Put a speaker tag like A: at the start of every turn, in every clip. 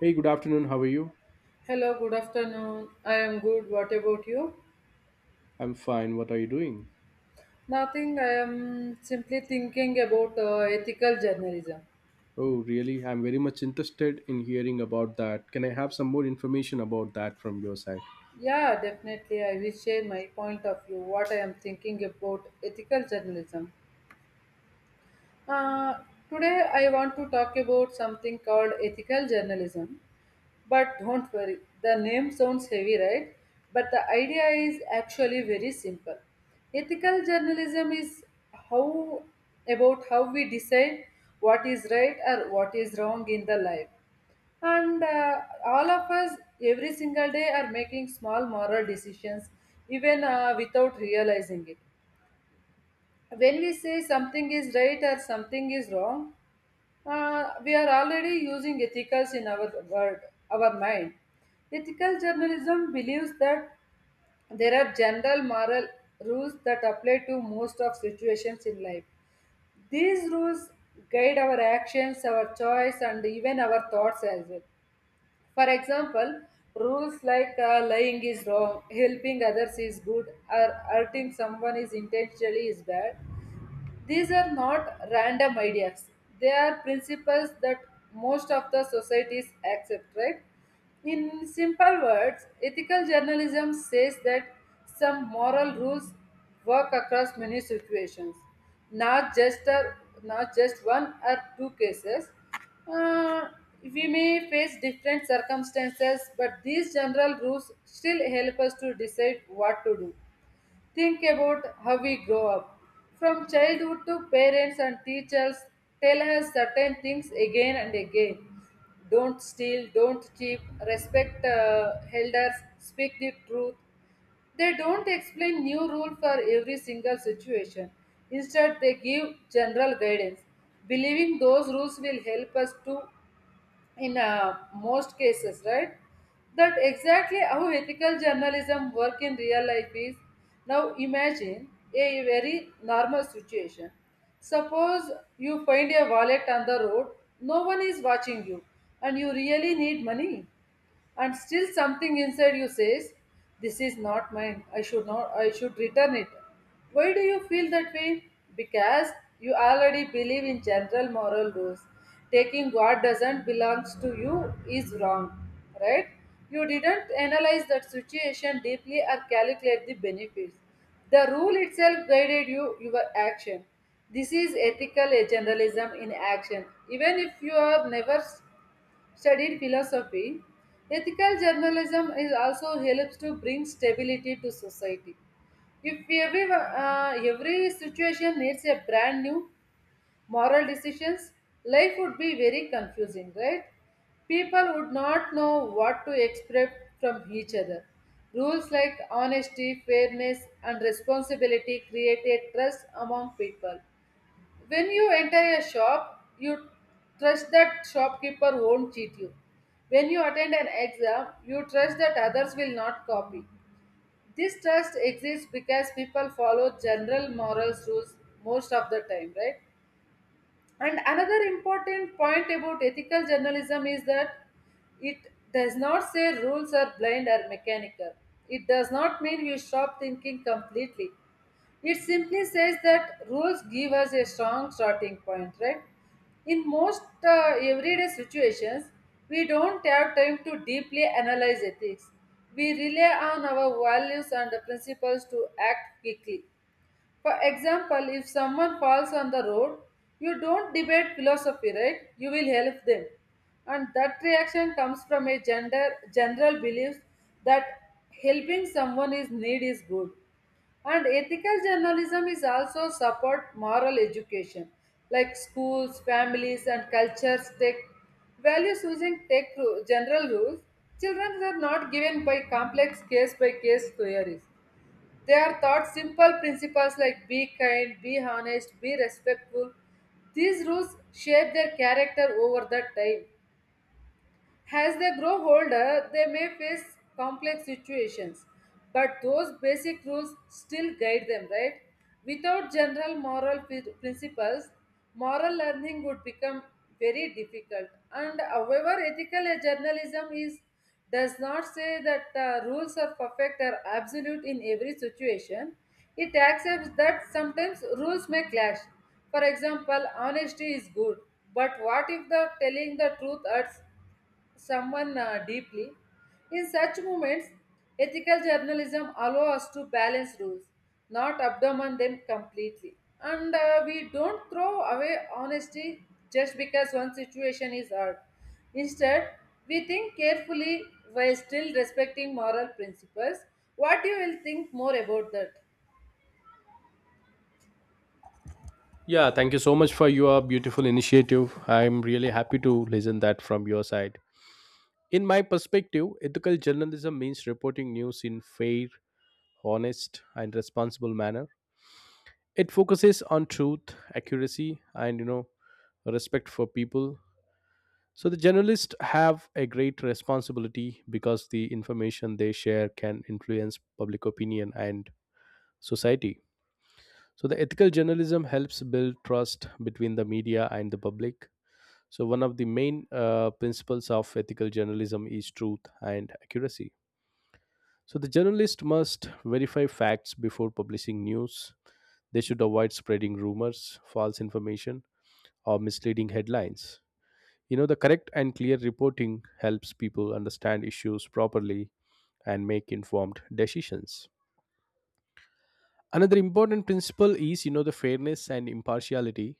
A: Hey, good afternoon. How are you?
B: Hello, good afternoon. I am good. What about you?
A: I'm fine. What are you doing?
B: Nothing. I am simply thinking about ethical journalism.
A: Oh, really? I'm very much interested in hearing about that. Can I have some more information about that from your side?
B: Yeah, definitely. I will share my point of view, what I am thinking about ethical journalism. Uh, Today, I want to talk about something called ethical journalism. But don't worry, the name sounds heavy, right? But the idea is actually very simple. Ethical journalism is how about how we decide what is right or what is wrong in the life. And all of us every single day are making small moral decisions even without realizing it. When we say something is right or something is wrong, we are already using ethicals in our world, our mind. Ethical journalism believes that there are general moral rules that apply to most of situations in life. These rules guide our actions, our choice, and even our thoughts as well. For example, rules like lying is wrong, helping others is good, or hurting someone is intentionally is bad, these are not random ideas. They are principles that most of the societies accept, right? In simple words, ethical journalism says that some moral rules work across many situations, not just a, not just one or two cases. Uh, we may face different circumstances, but these general rules still help us to decide what to do. Think about how we grow up. From childhood to parents and teachers tell us certain things again and again. Don't steal, don't cheat, respect elders, speak the truth. They don't explain new rule for every single situation. Instead, they give general guidance. Believing those rules will help us to in most cases, right? That exactly how ethical journalism work in real life is. Now imagine a very normal situation. Suppose you find a wallet on the road, no one is watching you, and you really need money, and still something inside you says this is not mine, I should not I should return it. Why do you feel that way? Because you already believe in general moral rules. Taking what doesn't belongs to you is wrong, right? You didn't analyze that situation deeply or calculate the benefits. The rule itself guided you your action. This is ethical generalism in action. Even if you have never studied philosophy, ethical journalism is also helps to bring stability to society. If every situation needs a brand new moral decisions, life would be very confusing, right? People would not know what to expect from each other. Rules like honesty, fairness, and responsibility create a trust among people. When you enter a shop, you trust that shopkeeper won't cheat you. When you attend an exam, you trust that others will not copy. This trust exists because people follow general morals rules most of the time, right? And another important point about ethical journalism is that it does not say rules are blind or mechanical. It does not mean you stop thinking completely. It simply says that rules give us a strong starting point, right? In most everyday situations, we don't have time to deeply analyze ethics. We rely on our values and the principles to act quickly. For example, if someone falls on the road, you don't debate philosophy, right? You will help them. And that reaction comes from a general belief that helping someone is need is good. And ethical journalism is also support moral education, like schools, families, and cultures take values using general rules. Children are not given by complex case by case theories. They are taught simple principles like be kind, be honest, be respectful. These rules shape their character over the time. As they grow older, they may face complex situations, but those basic rules still guide them, right? Without general principles, moral learning would become very difficult. And however, ethical journalism is does not say that rules are perfect or absolute in every situation. It accepts that sometimes rules may clash. For example, honesty is good, but what if the telling the truth hurts someone deeply. In such moments, ethical journalism allows us to balance rules, not abandon them completely. And we don't throw away honesty just because one situation is hard. Instead, we think carefully while still respecting moral principles. What you will think more about that?
A: Yeah, thank you so much for your beautiful initiative. I'm really happy to listen that from your side. In my perspective, ethical journalism means reporting news in fair, honest, and responsible manner. It focuses on truth, accuracy, and respect for people. So the journalists have a great responsibility because the information they share can influence public opinion and society. So the ethical journalism helps build trust between the media and the public. So one of the main principles of ethical journalism is truth and accuracy. So the journalist must verify facts before publishing news. They should avoid spreading rumors, false information, or misleading headlines. The correct and clear reporting helps people understand issues properly and make informed decisions. Another important principle is, the fairness and impartiality.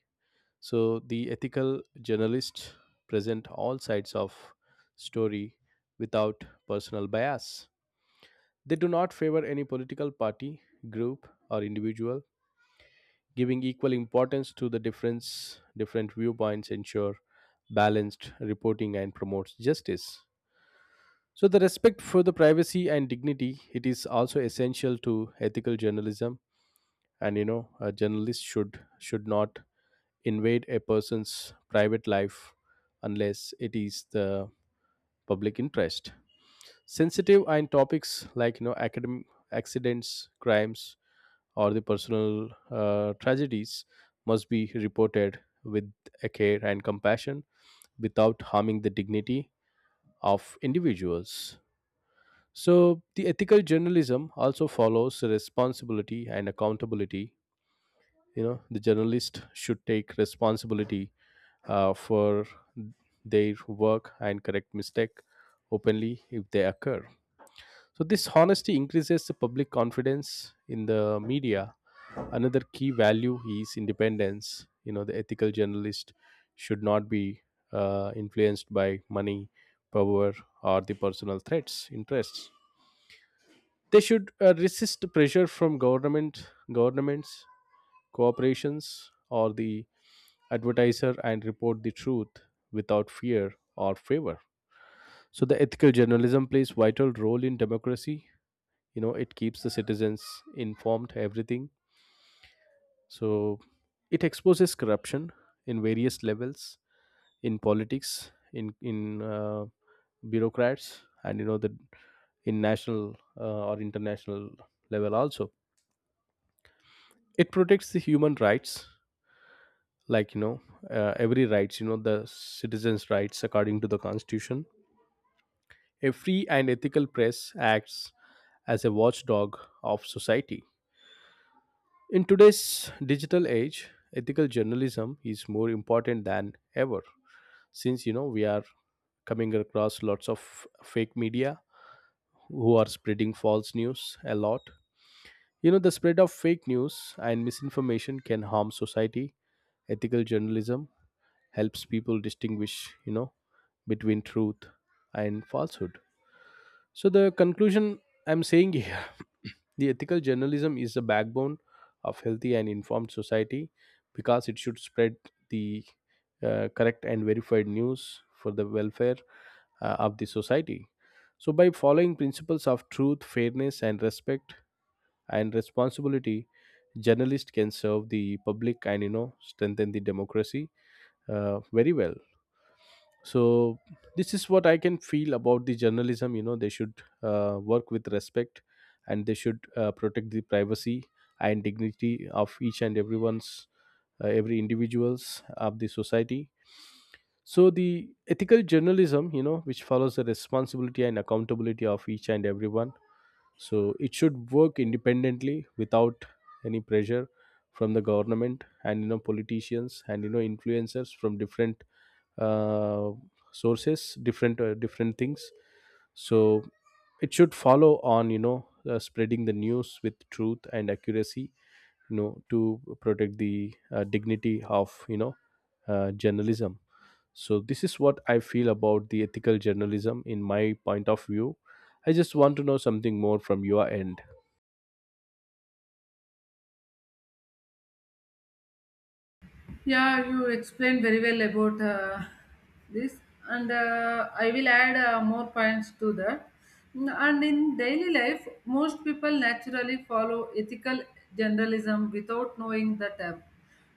A: So the ethical journalists present all sides of story without personal bias. They do not favor any political party, group, or individual. Giving equal importance to the difference, different viewpoints ensure balanced reporting and promotes justice. So the respect for the privacy and dignity, it is also essential to ethical journalism, and a journalist should not invade a person's private life unless it is the public interest. Sensitive and topics like academic accidents, crimes, or the personal tragedies must be reported with a care and compassion without harming the dignity of individuals. So the ethical journalism also follows responsibility and accountability. The journalist should take responsibility for their work and correct mistake openly if they occur. So this honesty increases the public confidence in the media. Another key value is independence. The ethical journalist should not be influenced by money, power, or the personal threats, interests. They should resist pressure from government, governments, corporations, or the advertiser and report the truth without fear or favor. So the ethical journalism plays vital role in democracy. It keeps the citizens informed everything. So it exposes corruption in various levels, in politics, in bureaucrats, and the in national or international level also. It protects the human rights, like every rights, the citizens rights according to the constitution. A free and ethical press acts as a watchdog of society. In today's digital age, ethical journalism is more important than ever, since we are coming across lots of fake media who are spreading false news a lot. The spread of fake news and misinformation can harm society. Ethical journalism helps people distinguish, you know between truth and falsehood. So, the conclusion I'm saying here the ethical journalism is the backbone of healthy and informed society, because it should spread the correct and verified news for the welfare of the society. So, by following principles of truth, fairness, and respect and responsibility, journalists can serve the public and strengthen the democracy very well. So this is what I can feel about the journalism. You know they should work with respect, and they should protect the privacy and dignity of each and everyone's, every individuals of the society. So the ethical journalism, which follows the responsibility and accountability of each and everyone, so it should work independently without any pressure from the government and politicians and influencers from different uh, sources, different different things. So it should follow on, spreading the news with truth and accuracy, to protect the dignity of journalism. So this is what I feel about the ethical journalism in my point of view. I just want to know something more from your end.
B: Yeah, you explained very well about this, and I will add more points to that. And in daily life, most people naturally follow ethical generalism without knowing the term.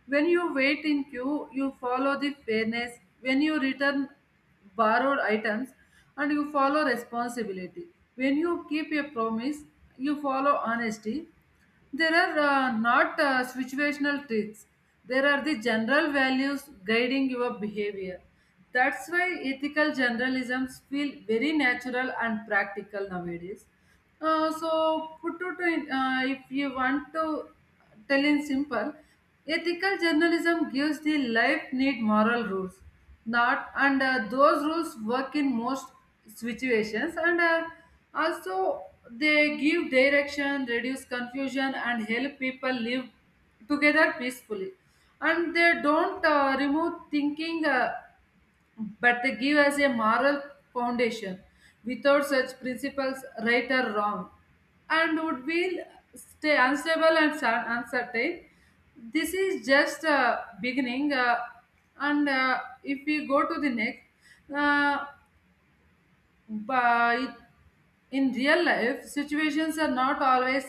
B: When you wait in queue, you follow the fairness. When you return borrowed items, and you follow responsibility. When you keep a promise, you follow honesty. There are not situational tricks. There are the general values guiding your behavior. That's why ethical generalisms feel very natural and practical nowadays. If you want to tell in simple, ethical journalism gives the life need moral rules that and those rules work in most situations, and also they give direction, reduce confusion, and help people live together peacefully, and they don't remove thinking, but they give us a moral foundation. Without such principles, right or wrong, and would be stay unstable and uncertain. This is just a beginning, and if we go to the next, uh, by in real life, situations are not always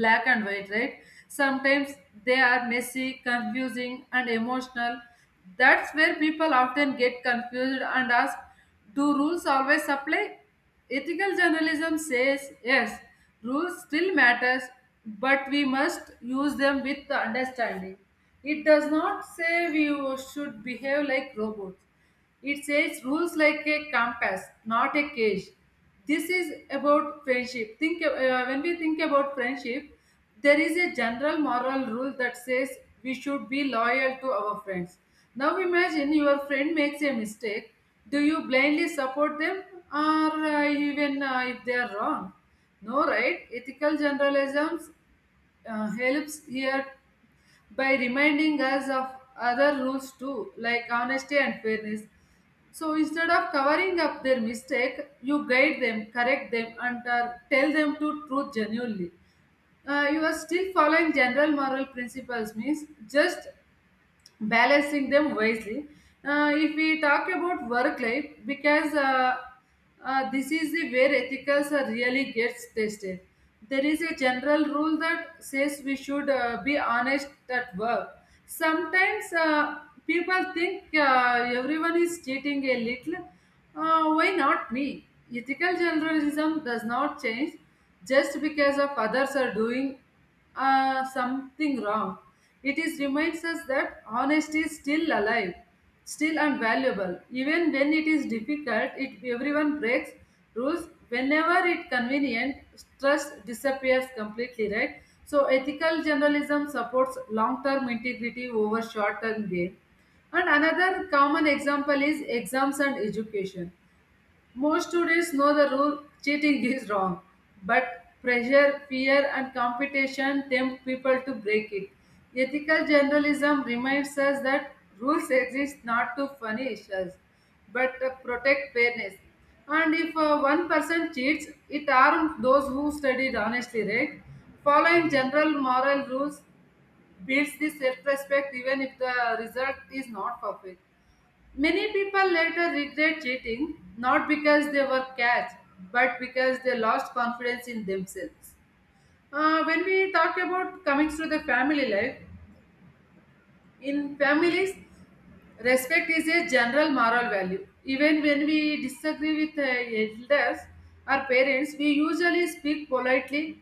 B: black and white, right? Sometimes they are messy, confusing, and emotional. That's where people often get confused and ask, do rules always apply? Ethical journalism says yes, rules still matters, but we must use them with understanding. It does not say we should behave like robots. It says rules like a compass, not a cage. This is about friendship think when we think about friendship, there is a general moral rule that says we should be loyal to our friends. Now imagine your friend makes a mistake. Do you blindly support them, or even if they are wrong? No, right? Ethical generalisms helps here by reminding us of other rules too, like honesty and fairness. So instead of covering up their mistake, you guide them, correct them, and tell them to truth genuinely. You are still following general moral principles means just balancing them wisely. If we talk about work life, because this is the where ethicals are really gets tested. There is a general rule that says we should be honest at work. Sometimes people think everyone is cheating a little. Why not me? Ethical journalism does not change just because of others are doing something wrong. It is reminds us that honesty is still alive, still unvaluable. Even when it is difficult, it everyone breaks rules. Whenever it convenient, trust disappears completely, right? So ethical journalism supports long-term integrity over short-term gain. And another common example is exams and education. Most students know the rule cheating is wrong, but pressure, fear, and competition tempt people to break it. Ethical journalism reminds us that rules exist not to punish us, but to protect fairness. And if one person cheats, it harms those who studied honestly, right? Following general moral rules builds the self respect even if the result is not perfect. Many people later regret cheating not because they were catch, but because they lost confidence in themselves. When we talk about coming to the family life, in families, respect is a general moral value. Even when we disagree with elders or parents, we usually speak politely.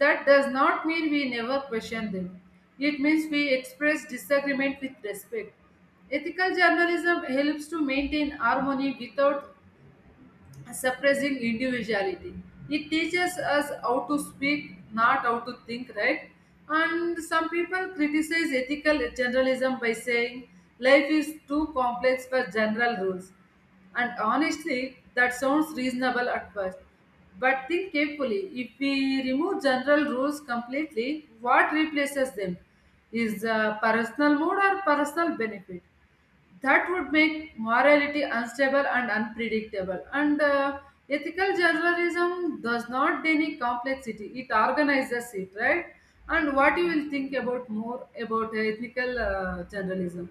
B: That does not mean we never question them. It means we express disagreement with respect. Ethical journalism helps to maintain harmony without suppressing individuality. It teaches us how to speak, not how to think, right? And some people criticize ethical generalism by saying life is too complex for general rules. And honestly, that sounds reasonable at first. But think carefully, if we remove general rules completely, what replaces them? Is personal mode or personal benefit? That would make morality unstable and unpredictable. And ethical journalism does not deny complexity; it organizes it, right? And what you will think about more about ethical journalism?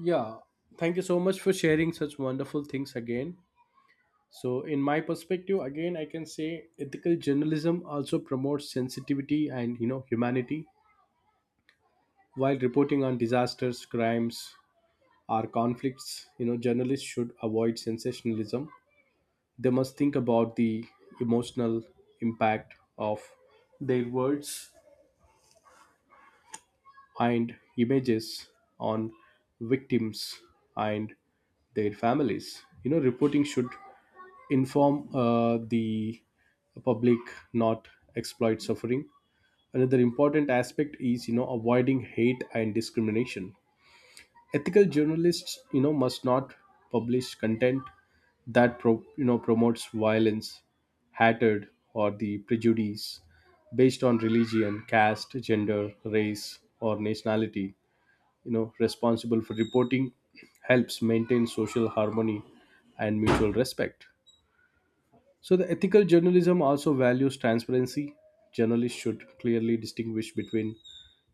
A: Yeah, thank you so much for sharing such wonderful things again. So, in my perspective, again, I can say ethical journalism also promotes sensitivity and humanity while reporting on disasters, crimes, or conflicts. You know, journalists should avoid sensationalism. They must think about the emotional impact of their words and images on victims and their families. You know, reporting should inform the public, not exploit suffering. Another important aspect is, avoiding hate and discrimination. Ethical journalists, must not publish content that promotes violence, hatred, or the prejudice based on religion, caste, gender, race, or nationality. Responsible for reporting helps maintain social harmony and mutual respect. So, the ethical journalism also values transparency. Journalists should clearly distinguish between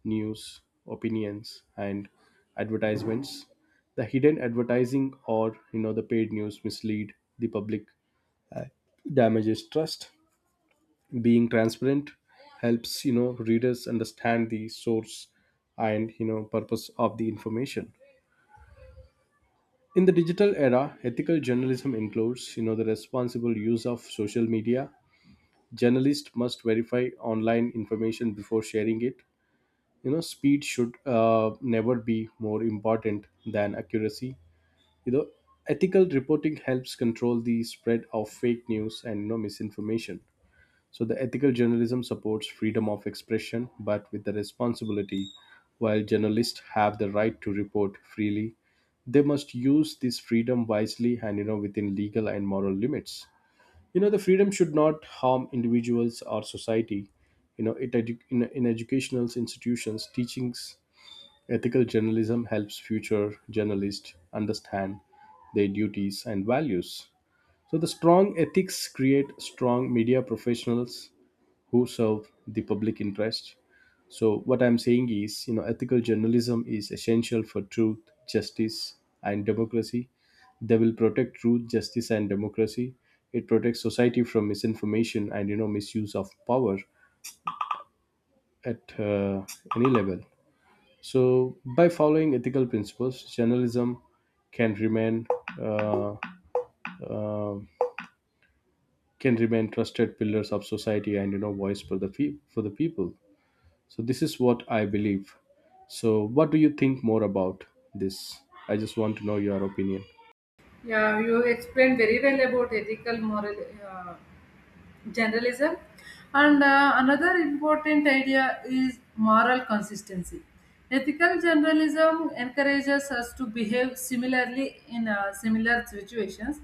A: news, opinions, and advertisements. The hidden advertising, or the paid news, mislead the public, uh, damages trust. Being transparent helps, readers understand the source and purpose of the information. In the digital era, ethical journalism includes, the responsible use of social media. Journalists must verify online information before sharing it. Speed should never be more important than accuracy. you know Ethical reporting helps control the spread of fake news and misinformation. So the ethical journalism supports freedom of expression, but with the responsibility. While journalists have the right to report freely, they must use this freedom wisely and, within legal and moral limits. The freedom should not harm individuals or society. In educational institutions teachings, ethical journalism helps future journalists understand their duties and values. So the strong ethics create strong media professionals who serve the public interest. So what I'm saying is, ethical journalism is essential for truth, justice, and democracy. They will protect truth, justice, and democracy. It protects society from misinformation and misuse of power at any level. So by following ethical principles, journalism can remain uh, uh, can remain trusted pillars of society and, voice for the for the people. So this is what I believe. So what do you think more about this? I just want to know your opinion.
B: Yeah, you explained very well about ethical moral. Generalism, and another important idea is moral consistency. Ethical generalism encourages us to behave similarly in similar situations.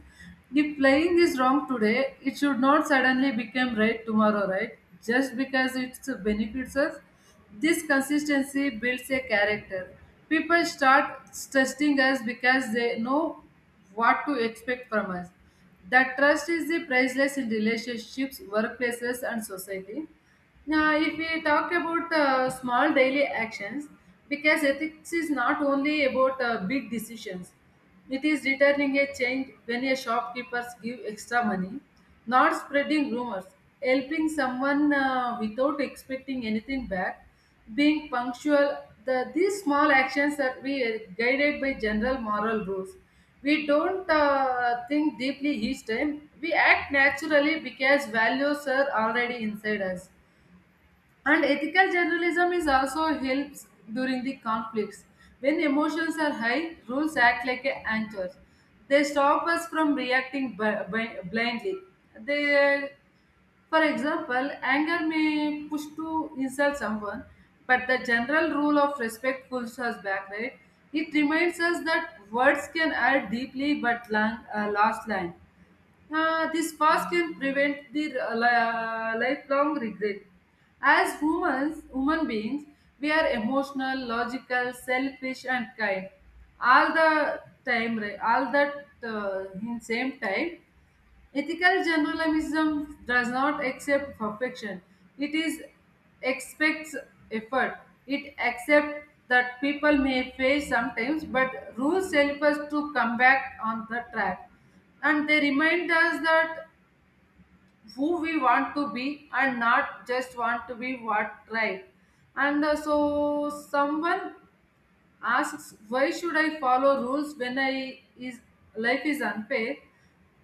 B: If playing is wrong today, it should not suddenly become right tomorrow, right, just because it benefits us. This consistency builds a character. People start trusting us because they know what to expect from us. That trust is the priceless in relationships, workplaces, and society. Now, if we talk about small daily actions, because ethics is not only about big decisions, it is returning a change when a shopkeeper gives extra money, not spreading rumors, helping someone without expecting anything back, being punctual, these small actions that we are guided by general moral rules. We don't think deeply each time, we act naturally because values are already inside us. And ethical journalism is also helps during the conflicts. When emotions are high, rules act like a anchors. They stop us from reacting blindly. They For example, anger may push to insult someone, but the general rule of respect pulls us back, right? It reminds us that words can hurt deeply but long, last line. This past can prevent the lifelong regret. As humans, human beings, we are emotional, logical, selfish, and kind. All the time, right? All that in same time. Ethical journalism does not accept perfection. It is expects effort. It accepts that people may fail sometimes, but rules help us to come back on the track. And they remind us that who we want to be and not just want to be what right. And so someone asks, why should I follow rules when I is life is unfair?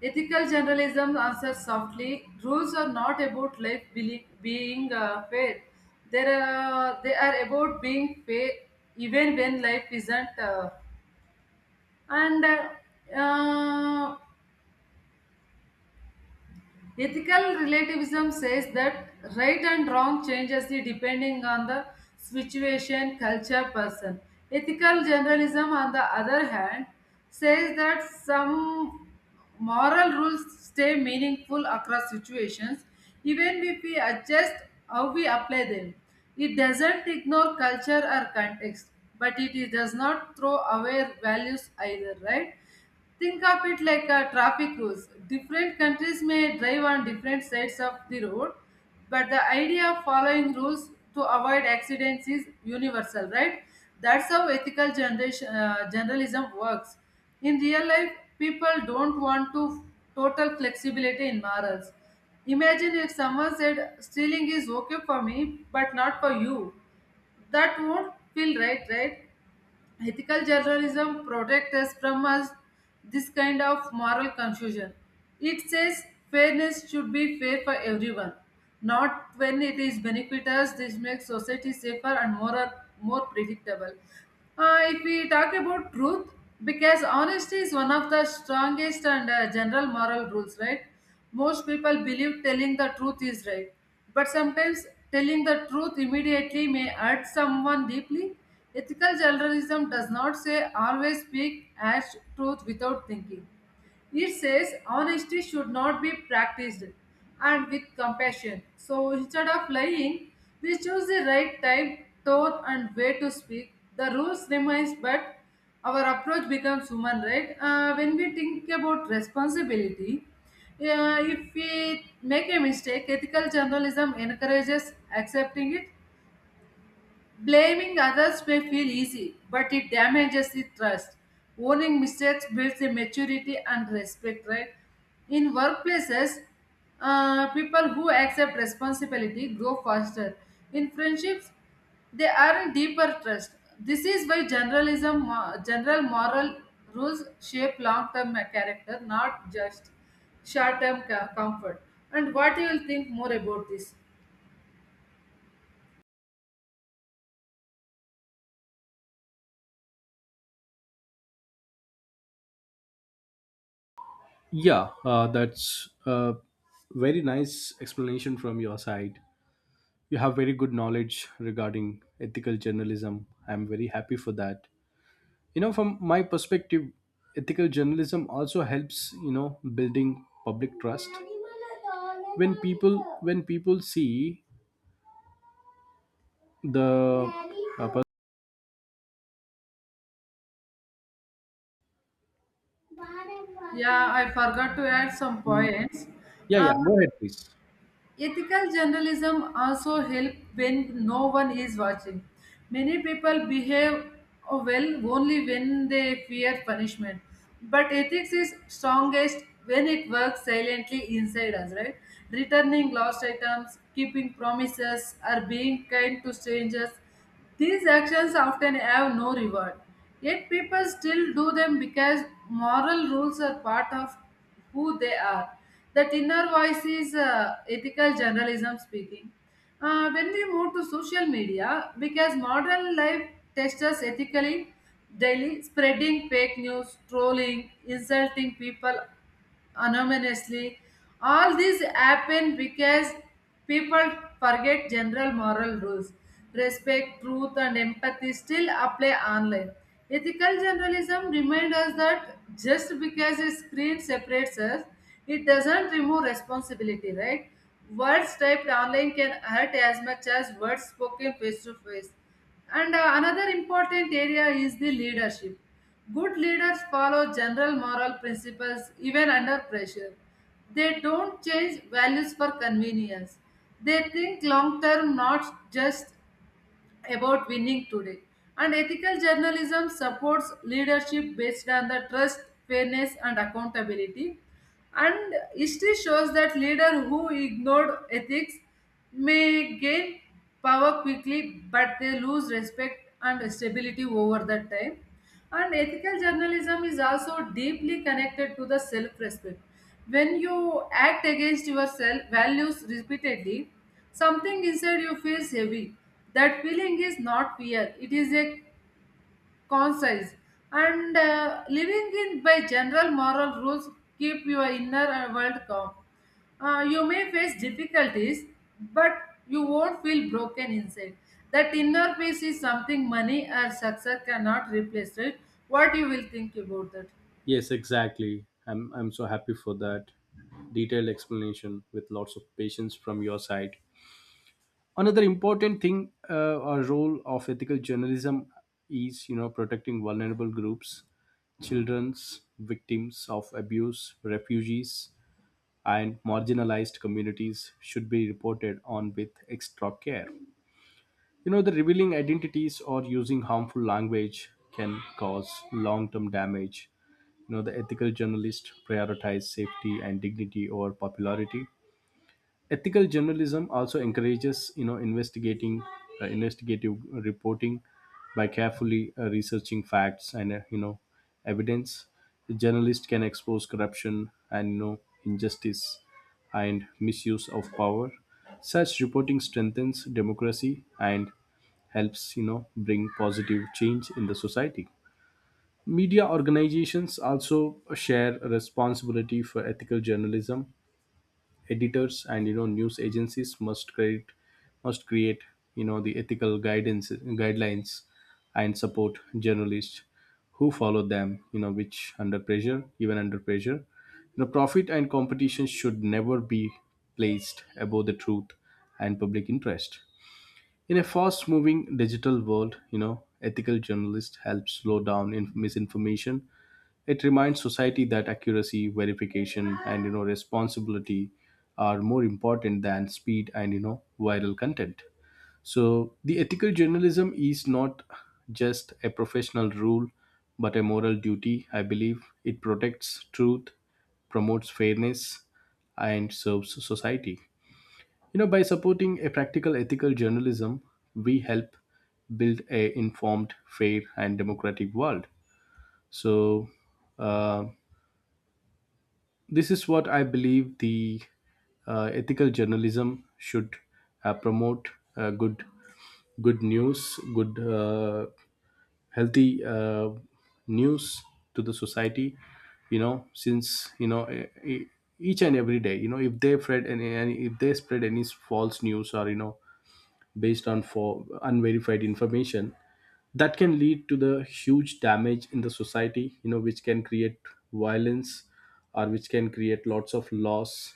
B: Ethical generalism answers softly, rules are not about life being fair. They are about being fair even when life isn't. And uh, Ethical relativism says that right and wrong changes depending on the situation, culture, person. Ethical generalism, on the other hand, says that some moral rules stay meaningful across situations, even if we adjust how we apply them. It doesn't ignore culture or context, but it does not throw away values either, right? Think of it like a traffic rules. Different countries may drive on different sides of the road, but the idea of following rules to avoid accidents is universal, right? That's how ethical journalism works. In real life, people don't want to total flexibility in morals. Imagine if someone said stealing is okay for me, but not for you. That won't feel right, right? Ethical journalism protects us from us this kind of moral confusion. It says fairness should be fair for everyone, not when it is benefit us. This makes society safer and more predictable. If we talk about truth, because honesty is one of the strongest and general moral rules, right? Most people believe telling the truth is right, but sometimes telling the truth immediately may hurt someone deeply. Ethical journalism does not say always speak as truth without thinking. It says honesty should not be practiced and with compassion. So instead of lying, we choose the right time, tone, and way to speak. The rules remains, but our approach becomes human, right? When we think about responsibility, if we make a mistake, ethical journalism encourages accepting it. Blaming others may feel easy, but it damages the trust. Owning mistakes builds the maturity and respect, right? In workplaces, people who accept responsibility grow faster. In friendships, they earn deeper trust. This is why general moral rules shape long-term character, not just comfort. And what you will think more about this?
A: Yeah, that's a very nice explanation from your side. You have very good knowledge regarding ethical journalism. I'm very happy for that. You know, from my perspective, ethical journalism also helps, building public trust. When people when people see the uh, pers-
B: Yeah, I forgot to add some points.
A: Yeah,
B: Uh,
A: yeah. Go ahead, please.
B: Ethical journalism also help when no one is watching. Many people behave well only when they fear punishment. But ethics is strongest when it works silently inside us, right? Returning lost items, keeping promises, or being kind to strangers. These actions often have no reward, yet people still do them because moral rules are part of who they are. That inner voice is ethical journalism speaking. When we move to social media, because modern life tests us ethically daily, spreading fake news, trolling, insulting people anonymously. All these happen because people forget general moral rules. Respect, truth, and empathy still apply online. Ethical journalism reminds us that just because a screen separates us, it doesn't remove responsibility, right? Words typed online can hurt as much as words spoken face to face. And Another important area is the leadership. Good leaders follow general moral principles even under pressure. They don't change values for convenience. They think long term, not just about winning today. And ethical journalism supports leadership based on the trust, fairness, and accountability. And history shows that leaders who ignored ethics may gain power quickly, but they lose respect and stability over the time. And ethical journalism is also deeply connected to the self respect. When you act against your self values repeatedly, something inside you feels heavy. That feeling is not fear, it is a concise. And Living in by general moral rules keep your inner world calm. You may face difficulties, but you won't feel broken inside. That inner peace is something money or success cannot replace it. What you will think about that?
A: Yes, exactly. I'm so happy for that detailed explanation with lots of patience from your side. Another important thing or role of ethical journalism is, protecting vulnerable groups, children's victims of abuse, refugees, and marginalized communities should be reported on with extra care. You know, the revealing identities or using harmful language can cause long term damage. You know, the ethical journalists prioritize safety and dignity over popularity. Ethical journalism also encourages, you know investigating investigative reporting, by carefully researching facts and, evidence. The journalist can expose corruption and, injustice and misuse of power. Such reporting strengthens democracy and helps, bring positive change in the society. Media organizations also share a responsibility for ethical journalism. Editors and, news agencies must create, the ethical guidance guidelines, and support journalists who follow them, you know which under pressure even under pressure. Profit and competition should never be placed above the truth and public interest. In a fast moving digital world, ethical journalist helps slow down in misinformation. It reminds society that accuracy, verification, and, responsibility are more important than speed and, viral content. So the ethical journalism is not just a professional rule, but a moral duty. I believe it protects truth, promotes fairness, and serves society. You know, by supporting a practical ethical journalism, we help build a informed, fair, and democratic world. So, uh, this is what I believe, the ethical journalism should promote good good news, good healthy news to the society. You know, since each and every day, you know, if they spread any if they spread any false news, or based on for unverified information, that can lead to the huge damage in the society, which can create violence, or which can create lots of loss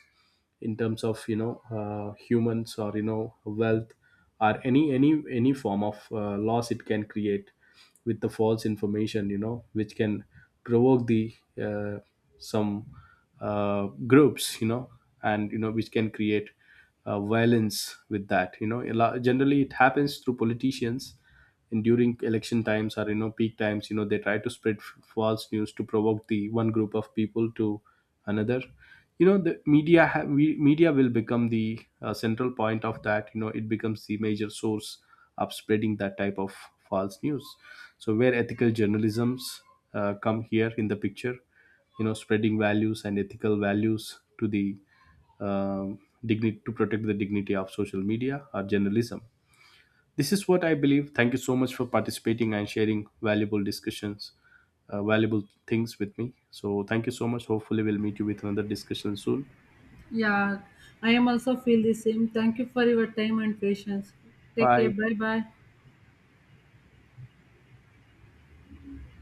A: in terms of, humans or, wealth, or any form of loss it can create with the false information, which can provoke the uh, some groups, and, which can create violence with that. You know, generally it happens through politicians, and during election times or, peak times, they try to spread false news to provoke the one group of people to another. You know, the media will become the central point of that. You know, it becomes the major source of spreading that type of false news. So where ethical journalisms come here in the picture, spreading values and ethical values to the, um, dignity, to protect the dignity of social media or journalism. This is what I believe. Thank you so much for participating and sharing valuable discussions, valuable things with me. So thank you so much. Hopefully, we'll meet you with another discussion soon.
B: Yeah, I am also feel the same. Thank you for your time and patience. Take care.
A: Bye.
B: Bye bye.